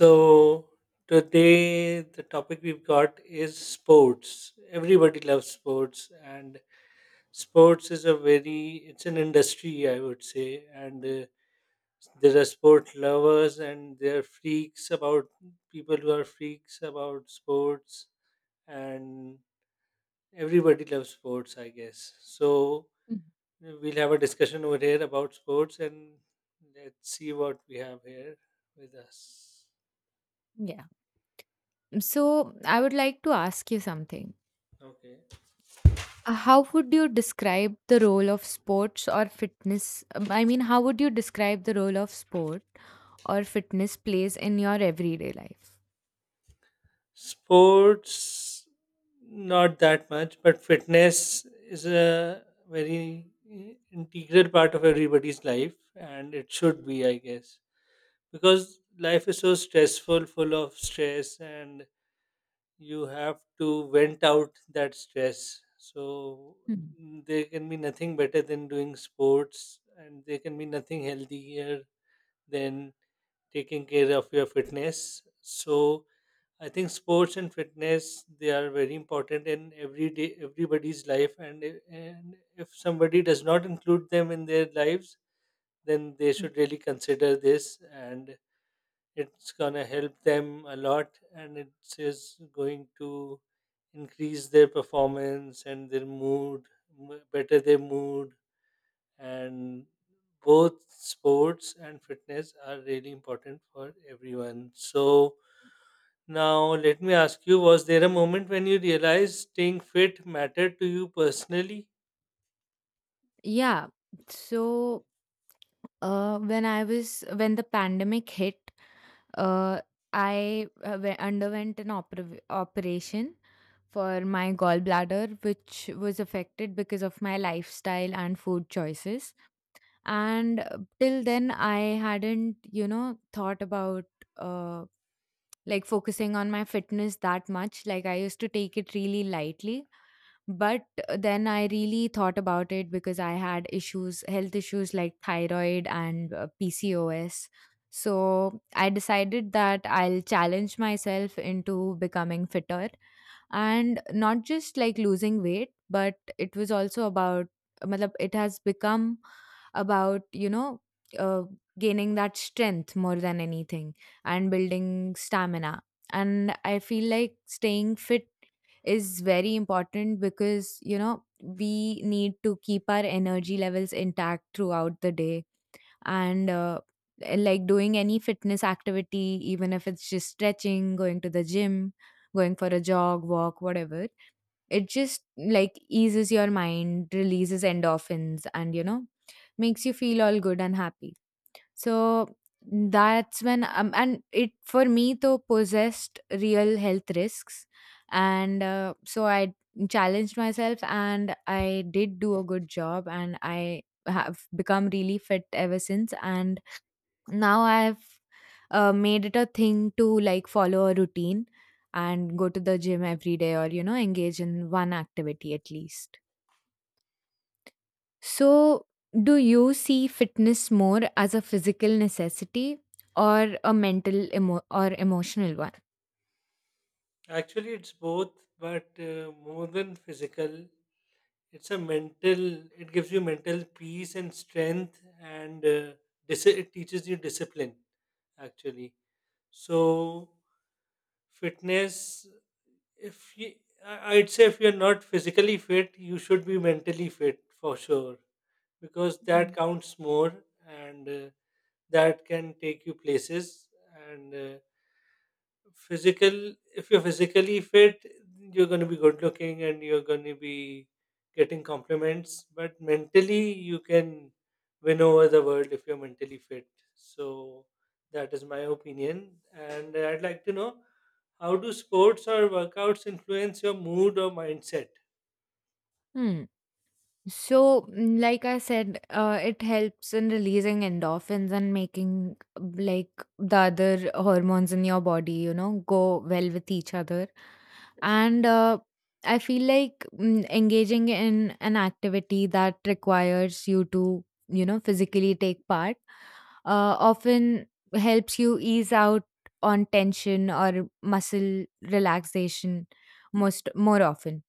So today the topic we've got is sports. Everybody loves sports, and sports is a very it's an industry, I would say, and there are sport lovers and there are freaks about people who are freaks about sports, and everybody loves sports, I guess. So Mm, we'll have a discussion over here about sports, and let's see what we have here with us. yeah. So I would like to ask you something. Okay. How would you describe the role of sports or fitness? I mean, how would you describe the role of sport or fitness plays in your everyday life? Sports, not that much, but fitness is a very integral part of everybody's life, and it should be, I guess, because life is so stressful, full of stress, and you have to vent out that stress. So Mm. there can be nothing better than doing sports, and there can be nothing healthier than taking care of your fitness. So I think sports and fitness they are very important in every day everybody's life, and and if somebody does not include them in their lives, then they Mm. should really consider this, and it's gonna help them a lot, and it is going to increase their performance and their mood, better their mood, and both sports and fitness are really important for everyone. So now, let me ask you, was there a moment when you realized staying fit mattered to you personally? Yeah. So when the pandemic hit, uh, I underwent an operation for my gallbladder, which was affected because of my lifestyle and food choices. And till then I hadn't you know thought about uh, like focusing on my fitness that much. Like I used to take it really lightly, but then I really thought about it because I had issues, health issues like thyroid and pcos. So I decided that I'll challenge myself into becoming fitter and not just like losing weight, but it was also about matlab, it has become about you know uh, gaining that strength more than anything and building stamina. And I feel like staying fit is very important because you know we need to keep our energy levels intact throughout the day. And like doing any fitness activity, even if it's just stretching, going to the gym, going for a jog, walk, whatever, it just like eases your mind, releases endorphins, and makes you feel all good and happy. So that's when, and it for me, though, possessed real health risks. And so I challenged myself and I did do a good job and I have become really fit ever since. And now I've made it a thing to like follow a routine and go to the gym every day or, you know, engage in one activity at least. So, do you see fitness more as a physical necessity or a mental or emotional one? Actually, it's both, but more than physical, it's a mental, it gives you mental peace and strength, and it teaches you discipline, actually. So, fitness, if you, I'd say if you're not physically fit, you should be mentally fit for sure, because Mm. that counts more and that can take you places and physical if you're physically fit you're going to be good looking and you're going to be getting compliments, but mentally you can win over the world if you're mentally fit. So that is my opinion, and I'd like to know, how do sports or workouts influence your mood or mindset? Hmm. So, mm, like I said, it helps in releasing endorphins and making like the other hormones in your body, you know, go well with each other. And I feel like mm, engaging in an activity that requires you to you know physically take part often helps you ease out on tension or muscle relaxation most more often.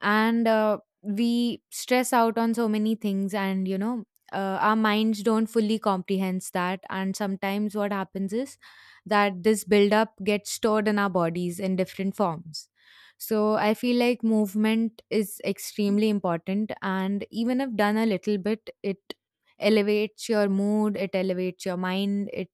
And we stress out on so many things, and you know our minds don't fully comprehend that, and sometimes what happens is that this buildup gets stored in our bodies in different forms. So I feel like movement is extremely important, and even if done a little bit, it elevates your mood, it elevates your mind, it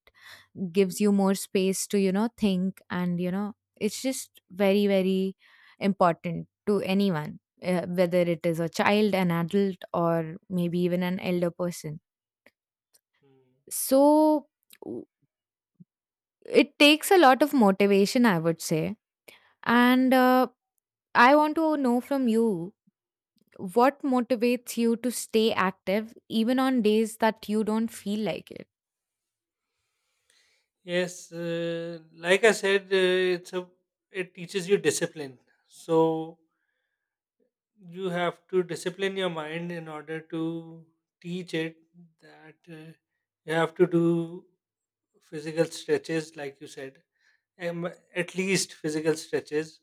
gives you more space to you know think. And you know it's just very, very important to anyone, whether it is a child, an adult, or maybe even an elder person. Hmm. So w- it takes a lot of motivation, I would say. And I want to know from you, what motivates you to stay active even on days that you don't feel like it? Yes, like I said, it's a it teaches you discipline. So you have to discipline your mind in order to teach it that you have to do physical stretches like you said, um, at least physical stretches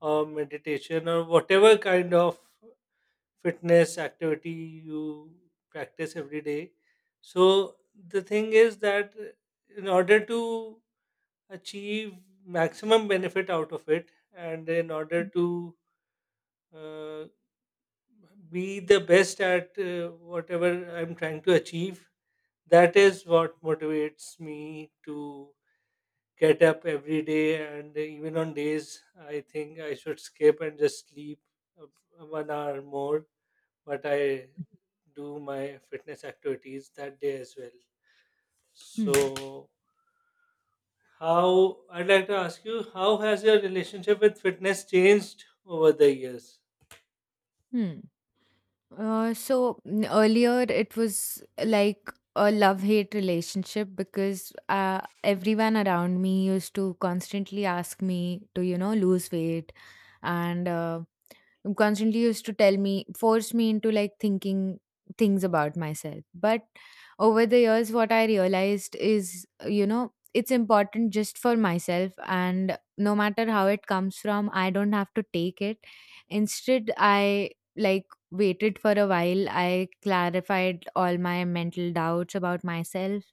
or meditation or whatever kind of fitness activity you practice every day. So the thing is that in order to achieve maximum benefit out of it, and in order to uh, be the best at whatever I'm trying to achieve. That is what motivates me to get up every day. And even on days I think I should skip and just sleep 1 hour more, but I do my fitness activities that day as well. Hmm. So, how I'd like to ask you, how has your relationship with fitness changed over the years? Hmm. So earlier it was like a love-hate relationship because everyone around me used to constantly ask me to, you know, lose weight, and constantly used to tell me, force me into like thinking things about myself. But over the years what I realized is, you know, it's important just for myself, and no matter how it comes from, I don't have to take it. Instead I like waited for a while, I clarified all my mental doubts about myself,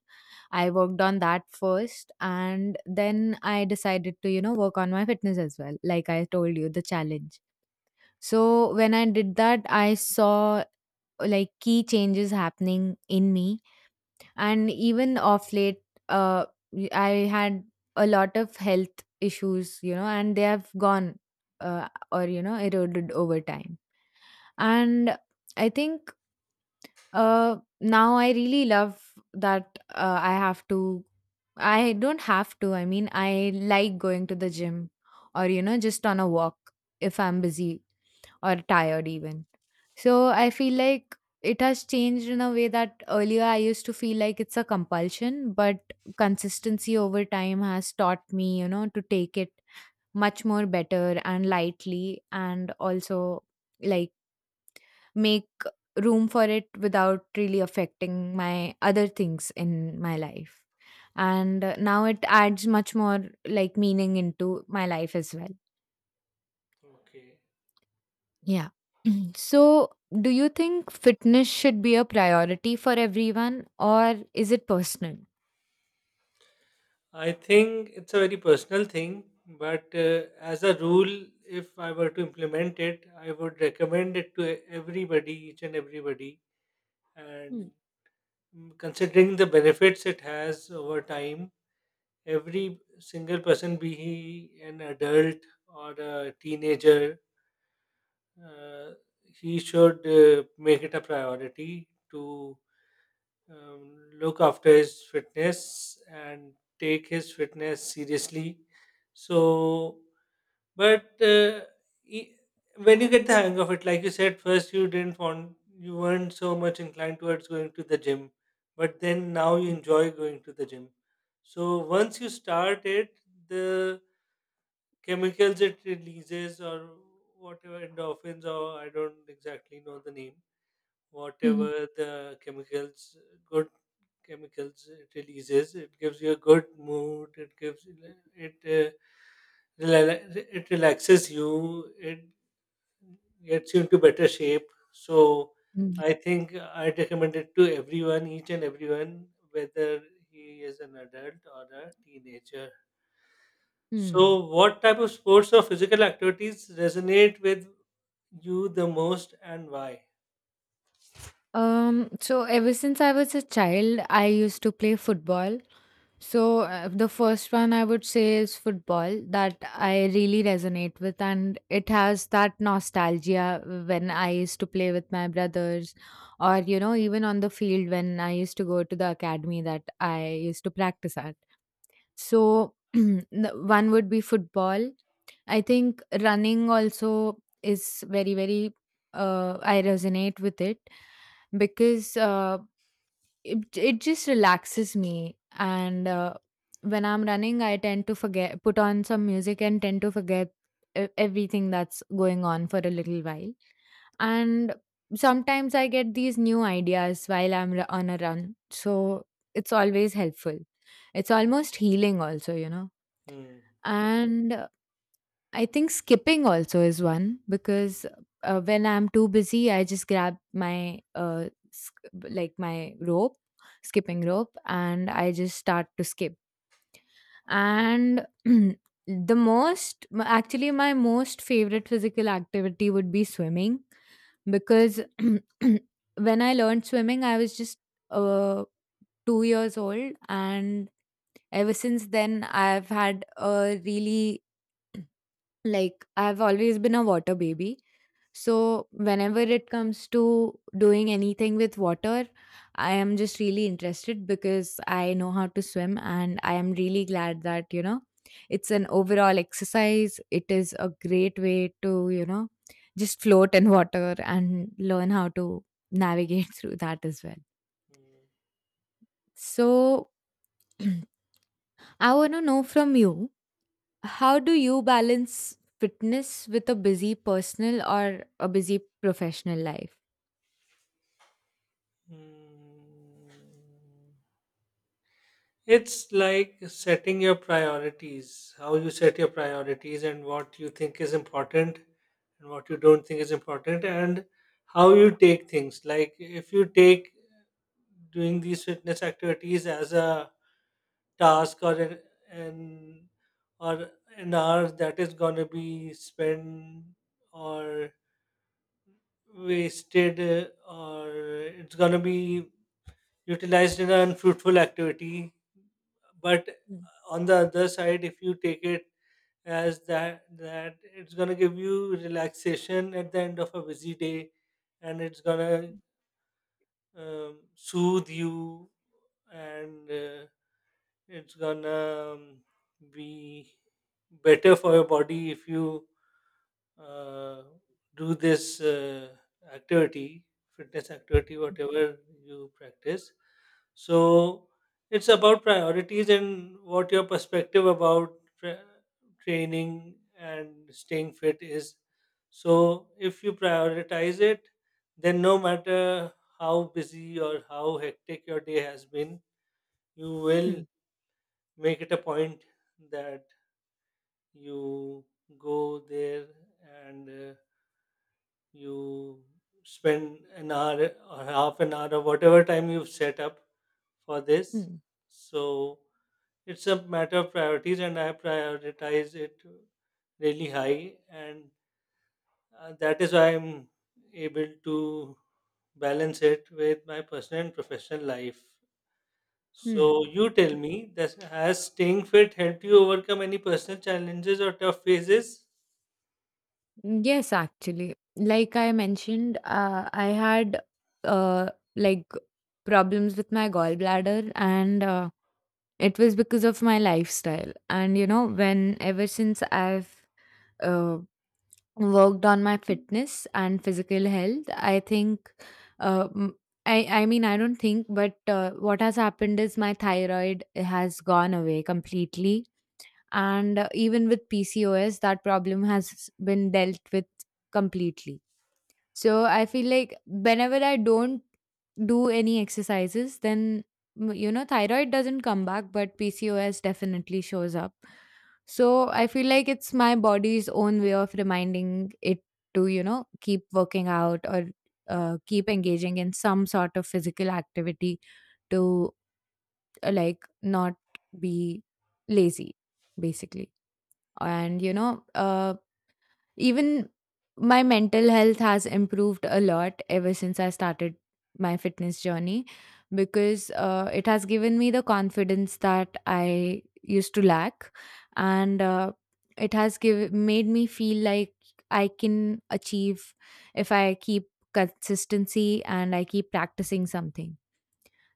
I worked on that first, and then I decided to you know work on my fitness as well, like I told you, the challenge. So when I did that, I saw like key changes happening in me, and even off late, uh, I had a lot of health issues, you know, and they have gone, or you know, eroded over time. And I think now I really love that I have to. I don't have to. I mean, I like going to the gym or, you know, just on a walk if I'm busy or tired, even. So I feel like it has changed in a way that earlier I used to feel like it's a compulsion, but consistency over time has taught me, you know, to take it much more better and lightly, and also like make room for it without really affecting my other things in my life. And now it adds much more like meaning into my life as well. Okay. Yeah. So, do you think fitness should be a priority for everyone, or is it personal? I think it's a very personal thing, but as a rule, if I were to implement it, I would recommend it to everybody, each and everybody. Hmm. And mm, considering the benefits it has over time, every single person, be he an adult or a teenager, uh, he should make it a priority to look after his fitness and take his fitness seriously. So, but e- when you get the hang of it, like you said, first you didn't want, you weren't so much inclined towards going to the gym, but then now you enjoy going to the gym. So once you start it, the chemicals it releases or whatever endorphins, or I don't exactly know the name. Mhm. Whatever the chemicals, good chemicals it releases, it gives you a good mood. It gives it uh, it relaxes you. It gets you into better shape. So Mm. I think I recommend it to everyone, each and everyone, whether he is an adult or a teenager. Hmm. So, what type of sports or physical activities resonate with you the most and why? So ever since I was a child, I used to play football. So, the first one I would say is football that I really resonate with, and it has that nostalgia when I used to play with my brothers, or you know, even on the field when I used to go to the academy that I used to practice at. So, the one would be football. I think running also is very, very, I resonate with it because it just relaxes me. And when I'm running, I tend to forget, put on some music, and tend to forget everything that's going on for a little while. And sometimes I get these new ideas while I'm on a run, so it's always helpful. It's almost healing also, you know. Hmm. And I think skipping also is one because when I'm too busy, I just grab my like my rope, skipping rope, and I just start to skip. And the most, actually, my most favorite physical activity would be swimming, because when I learned swimming, I was just uh 2 years old, and ever since then, I've had a really like, I've always been a water baby. So, whenever it comes to doing anything with water, I am just really interested because I know how to swim, and I am really glad that, you know, it's an overall exercise. It is a great way to, you know, just float in water and learn how to navigate through that as well. So, I want to know from you, how do you balance fitness with a busy personal or a busy professional life? Hmm. It's like setting your priorities, how you set your priorities and what you think is important and what you don't think is important, and how you take things. Like, if you take doing these fitness activities as a task an- or an hour that is gonna be spent or wasted, or it's gonna be utilized in an unfruitful activity. But Hmm, on the other side, if you take it as that it's gonna give you relaxation at the end of a busy day, and it's gonna soothe you, and it's gonna be better for your body if you uh, do this activity, fitness activity, whatever you practice. So it's about priorities and what your perspective about training and staying fit is. So if you prioritize it, then no matter how busy or how hectic your day has been, you will hmm, make it a point that you go there, and you spend an hour or half an hour or whatever time you've set up for this. hmm, So it's a matter of priorities, and I prioritize it really high, and that is why I'm able to balance it with my personal and professional life. So hmm. you tell me, this has staying fit helped you overcome any personal challenges or tough phases? Yes, actually, like I mentioned, I had uh, like problems with my gallbladder, and it was because of my lifestyle. And you know, when ever since I've uh, worked on my fitness and physical health, I think uh, m- I mean I don't think, but what has happened is my thyroid has gone away completely, and even with pcos that problem has been dealt with completely. So I feel like whenever I don't do any exercises, then you know thyroid doesn't come back, but PCOS definitely shows up. So I feel like it's my body's own way of reminding it to you know keep working out or keep engaging in some sort of physical activity to like not be lazy basically. And even my mental health has improved a lot ever since I started my fitness journey, because it has given me the confidence that I used to lack. And it has give, made me feel like I can achieve if I keep consistency and I keep practicing something.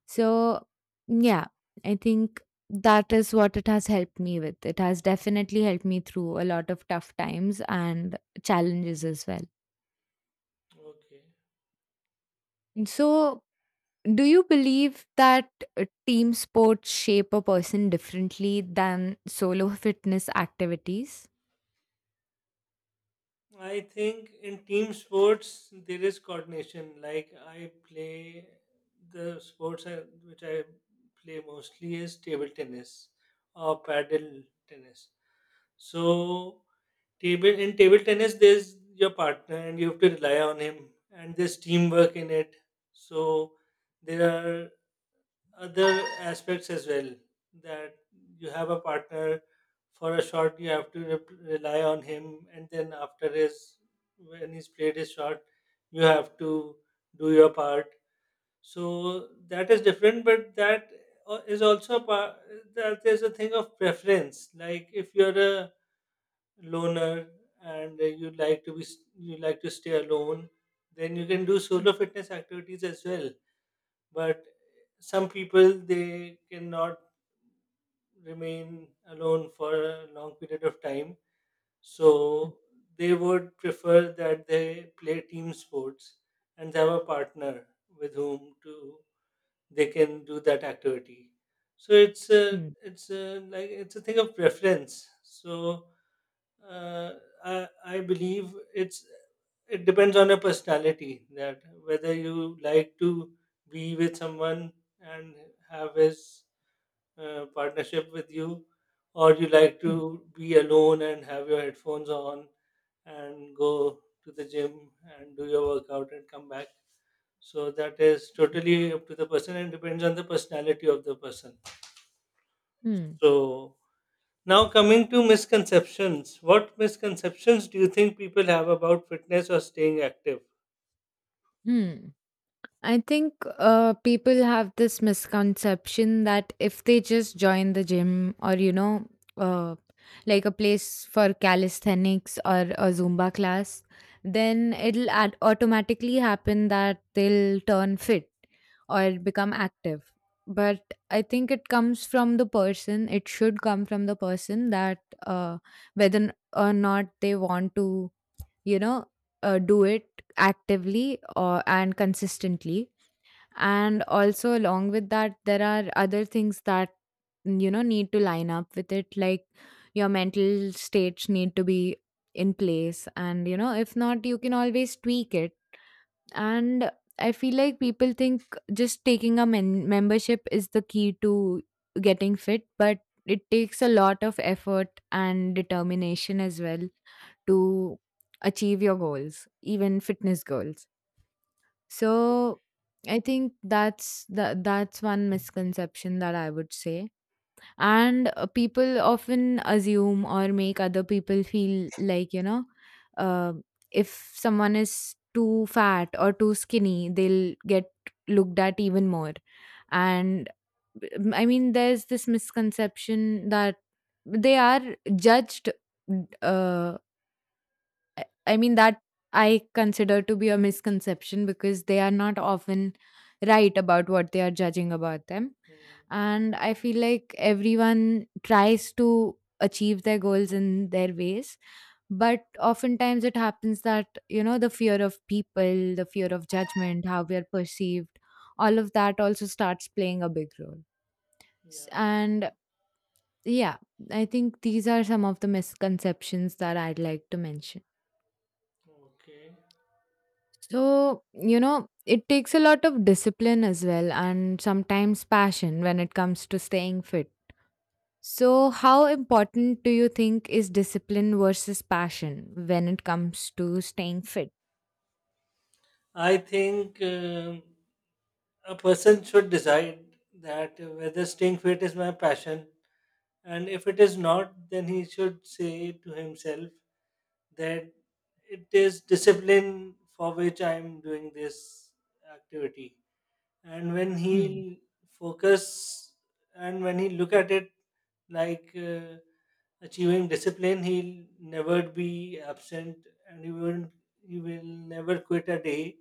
So, yeah, I think that is what it has helped me with. It has definitely helped me through a lot of tough times and challenges as well. Okay. So, do you believe that team sports shape a person differently than solo fitness activities? I think in team sports there is coordination. Like I play which I play mostly is table tennis or paddle tennis. So table in table tennis there's your partner and you have to rely on him, and there's teamwork in it. So there are other aspects as well, that you have a partner for a shot, you have to rely on him, and then after his when he's played his shot you have to do your part. So that is different, but that is also a part, that there's a thing of preference. Like if you're a loner and you like you like to stay alone, then you can do solo fitness activities as well. But some people they cannot remain alone for a long period of time. Mm, So they would prefer that they play team sports and have a partner with whom to they can do that activity. So it's mm, like it's a thing of preference. So uh, I believe it's it depends on your personality, that whether you like to be with someone and have his partnership with you, or you like mm, to be alone and have your headphones on and go to the gym and do your workout and come back. So that is totally up to the person and depends on the personality of the person. mm, So now, coming to misconceptions, what misconceptions do you think people have about fitness or staying active? mm. I think people have this misconception that if they just join the gym or, you know, uh, like a place for calisthenics or a Zumba class, then it'll automatically happen that they'll turn fit or become active. But I think it comes from the person, it should come from the person that uh, whether or not they want to, you know, do it actively or, and consistently. And also along with that there are other things that you know need to line up with it, like your mental states need to be in place, and you know if not, you can always tweak it. And I feel like people think just taking a membership is the key to getting fit, but it takes a lot of effort and determination as well to achieve your goals, even fitness goals. so I think that's the, that's one misconception that I would say. And people often assume or make other people feel like, you know, uh, if someone is too fat or too skinny, they'll get looked at even more. And I mean, there's this misconception that they are judged, uh, I mean, that I consider to be a misconception because they are not often right about what they are judging about them. Hmm, And I feel like everyone tries to achieve their goals in their ways. But oftentimes it happens that, the fear of people, the fear of judgment, how we are perceived, all of that also starts playing a big role. Yeah, And yeah, I think these are some of the misconceptions that I'd like to mention. okay. So, it takes a lot of discipline as well and sometimes passion when it comes to staying fit. So, how important do you think is discipline versus passion when it comes to staying fit? I think a person should decide that whether staying fit is my passion, and if it is not, then he should say to himself that it is discipline for which I am doing this activity. And when Hmm. he focus and when he look at it like achieving discipline, he'll never be absent, and he will never quit a day.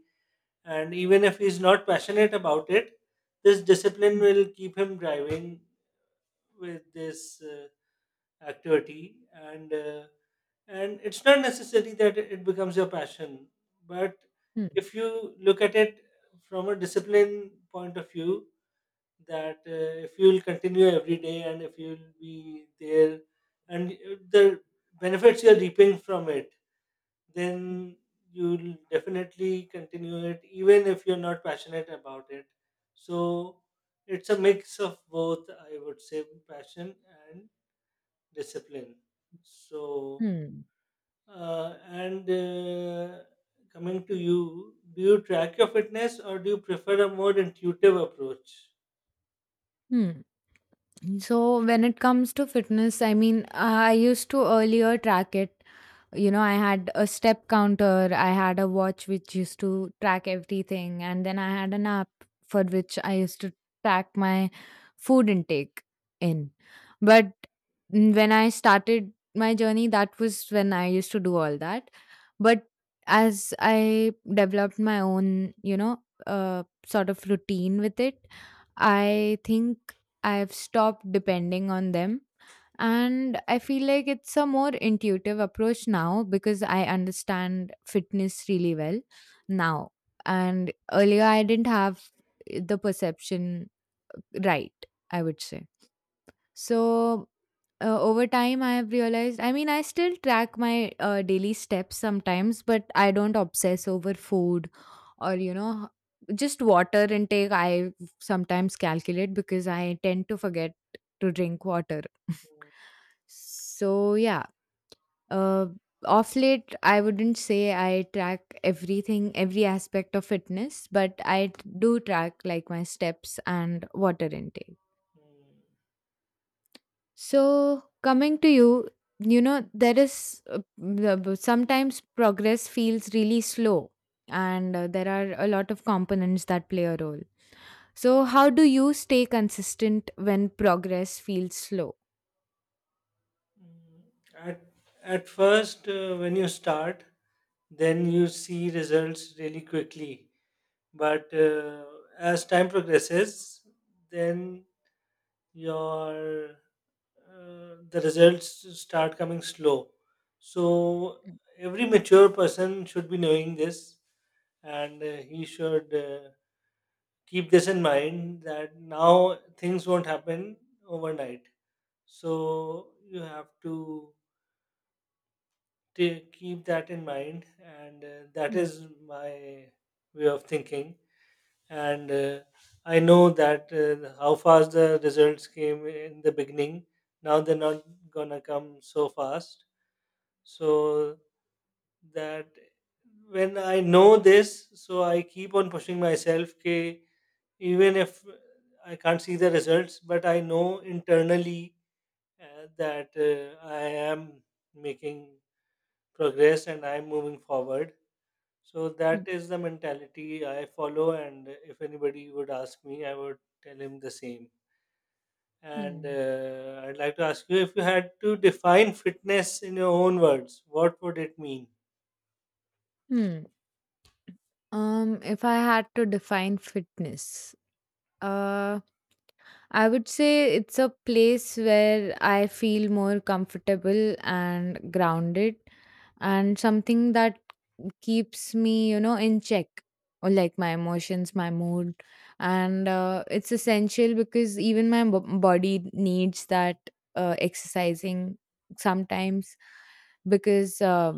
And even if he's not passionate about it, this discipline will keep him driving with this activity. And it's not necessary that it becomes your passion, but Hmm. if you look at it from a discipline point of view, that if you'll continue every day and if you'll be there, and the benefits you're reaping from it, then you'll definitely continue it even if you're not passionate about it. So it's a mix of both, I would say, passion and discipline. So, Hmm. And coming to you, do you track your fitness or do you prefer a more intuitive approach? Hmm. So when it comes to fitness, I used to earlier track it. You know, I had a step counter, I had a watch which used to track everything, and then I had an app for which I used to track my food intake in. But when I started my journey, that was when I used to do all that. But as I developed my own, sort of routine with it, I think I've stopped depending on them. And I feel like it's a more intuitive approach now because I understand fitness really well now. And earlier, I didn't have the perception right, I would say. So over time, I have realized. I mean, I still track my daily steps sometimes, but I don't obsess over food or, just water intake. I sometimes calculate because I tend to forget to drink water. So, yeah, uh, off late, I wouldn't say I track everything, every aspect of fitness, but do track like my steps and water intake. Mm. So, coming to you, there is sometimes progress feels really slow, and there are a lot of components that play a role. So, how do you stay consistent when progress feels slow? At, at first, when you start, then you see results really quickly. But as time progresses, then your the results start coming slow. So Hmm. every mature person should be knowing this, and he should keep this in mind that now things won't happen overnight. So you have to take keep that in mind, and that Hmm. is my way of thinking. And I know that how fast the results came in the beginning, now they're not gonna come so fast. So that when I know this, so I keep on pushing myself, K, even if I can't see the results, but I know internally that I am making progress and I'm moving forward. So Hmm. that is the mentality I follow, and if anybody would ask me, I would tell him the same. And Hmm. I'd like to ask you, if you had to define fitness in your own words, what would it mean? Hmm. If I had to define fitness, uh, I would say it's a place where I feel more comfortable and grounded and something that keeps me, in check or like my emotions, my mood. And it's essential because even my body needs that exercising sometimes because uh,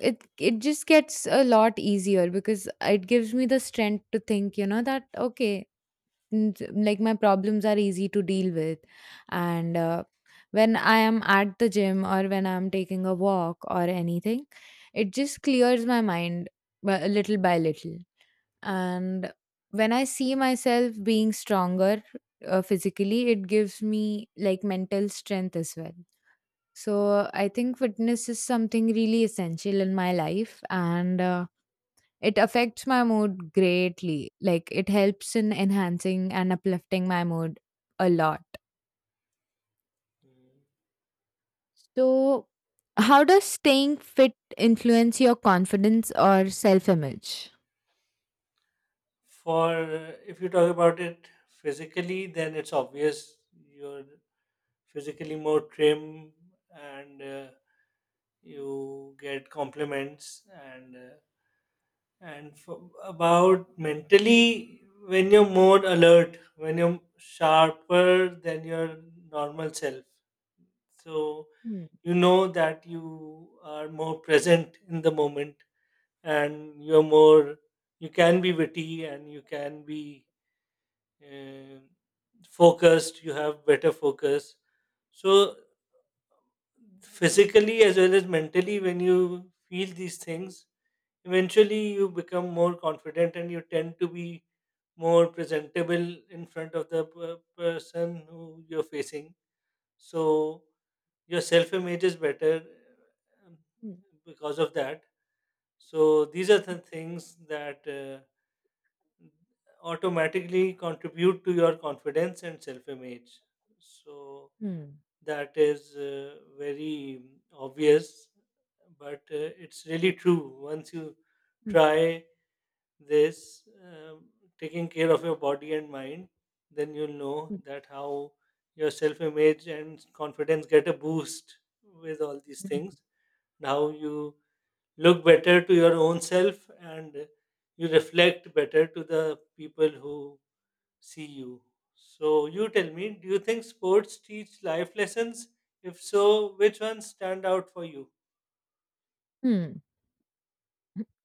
it it just gets a lot easier because it gives me the strength to think, you know, that okay, like my problems are easy to deal with and when I am at the gym or when I'm taking a walk or anything, it just clears my mind little by little. And when I see myself being stronger, physically, it gives me like mental strength as well. So I think fitness is something really essential in my life, and it affects my mood greatly. Like it helps in enhancing and uplifting my mood a lot. Mm. So, how does staying fit influence your confidence or self image? For if you talk about it physically, then it's obvious you're physically more trim, and you get compliments, and and for about mentally, when you're more alert, when you're sharper than your normal self. So Hmm. you know that you are more present in the moment, and you can be witty and you can be uh, focused, you have better focus. So physically as well as mentally, when you feel these things, eventually you become more confident and you tend to be more presentable in front of the person who you're facing. So your self image is better Hmm. because of that. So these are the things that automatically contribute to your confidence and self image. So Hmm. that is very obvious, but it's really true once you Hmm. try this taking care of your body and mind, then you'll know Hmm. that how your self image and confidence get a boost with all these Hmm. things, and how you look better to your own self, and you reflect better to the people who see you. So you tell me, do you think sports teach life lessons? If so, which ones stand out for you? Hmm.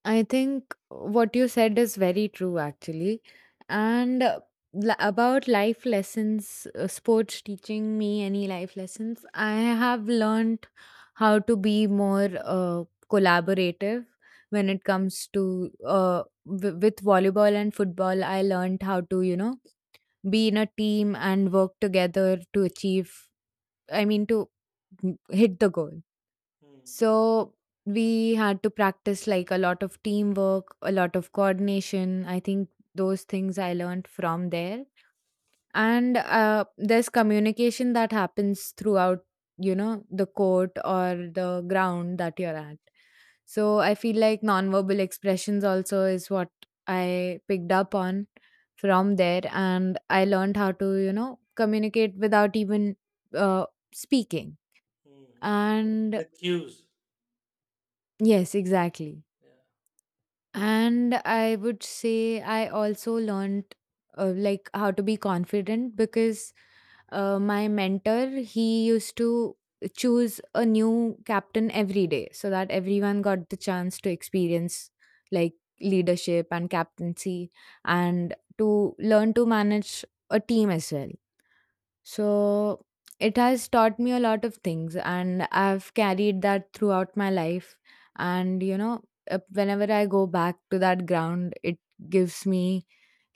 I think what you said is very true, actually. And about life lessons, sports teaching me any life lessons, I have learned how to be more collaborative when it comes to with volleyball and football. I learned how to, be in a team and work together to achieve, I mean, to hit the goal. Hmm. So we had to practice like a lot of teamwork, a lot of coordination. I think those things I learned from there. And there's communication that happens throughout, you know, the court or the ground that you're at. So I feel like nonverbal expressions also is what I picked up on from there. And I learned how to, communicate without even uh, speaking. Hmm. And The cues. yes, exactly. Yeah, And I would say I also learned like how to be confident because my mentor he used to choose a new captain every day so that everyone got the chance to experience like leadership and captaincy and to learn to manage a team as well. So it has taught me a lot of things, and I've carried that throughout my life. And whenever I go back to that ground, it gives me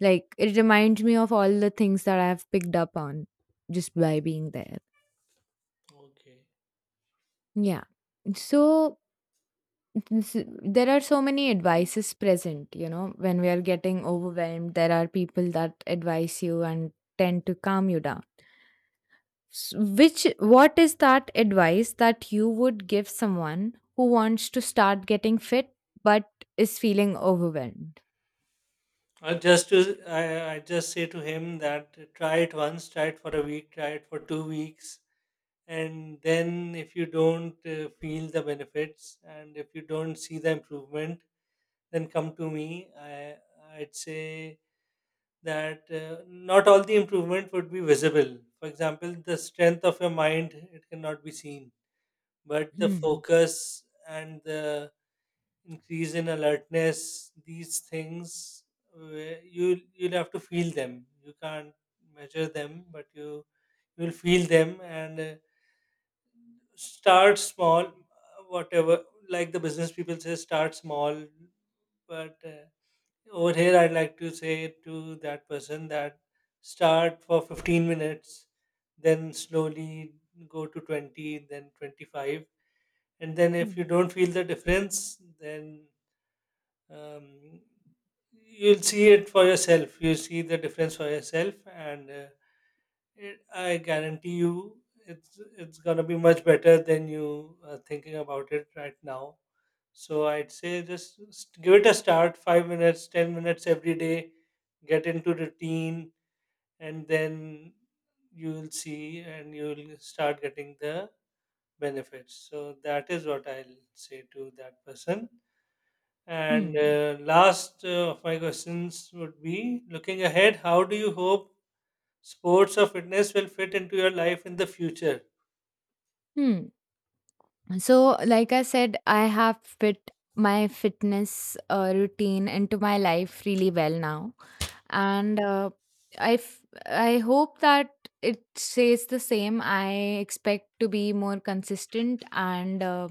like it reminds me of all the things that I've picked up on just by being there. okay. Yeah. So s- there are so many advices present, when we are getting overwhelmed, there are people that advise you and tend to calm you down. Which what is that advice that you would give someone who wants to start getting fit but is feeling overwhelmed? Or just to I just say to him that try it once, try it for a week, try it for 2 weeks, and then if you don't feel the benefits, and if you don't see the improvement, then come to me. I'd say that not all the improvement would be visible. For example, the strength of your mind it cannot be seen, but the Hmm. focus and the increase in alertness, these things, where you you'll have to feel them, you can't measure them, but you'll feel them. And start small, whatever like the business people say, start small. But over here I'd like to say to that person that start for 15 minutes, then slowly go to 20, then 25. And then if you Hmm. don't feel the difference, then um, you'll see it for yourself. You'll see the difference for yourself, and I guarantee you, it's gonna be much better than you are thinking about it right now. So I'd say just give it a start. 5 minutes, 10 minutes every day. Get into routine, and then you'll see, and you'll start getting the benefits. So that is what I'll say to that person. And Hmm. last of my questions would be, looking ahead, how do you hope sports or fitness will fit into your life in the future? Hmm. So, like I said, I have fit my fitness routine into my life really well now, and I hope that it stays the same. I expect to be more consistent and. Uh,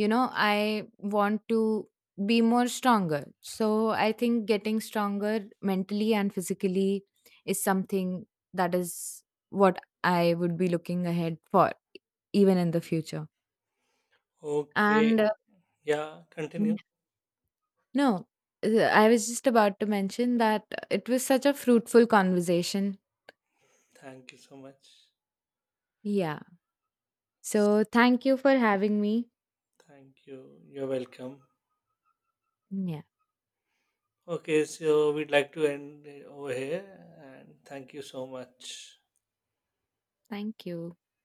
you know i want to be more stronger. So I think getting stronger mentally and physically is something that is what I would be looking ahead for even in the future. Okay. And Yeah, continue. Mm. No, I was just about to mention that it was such a fruitful conversation. Thank you so much. Yeah, so thank you for having me. Thank you. You're welcome. Yeah, Okay, so we'd like to end it over here and thank you so much. thank you.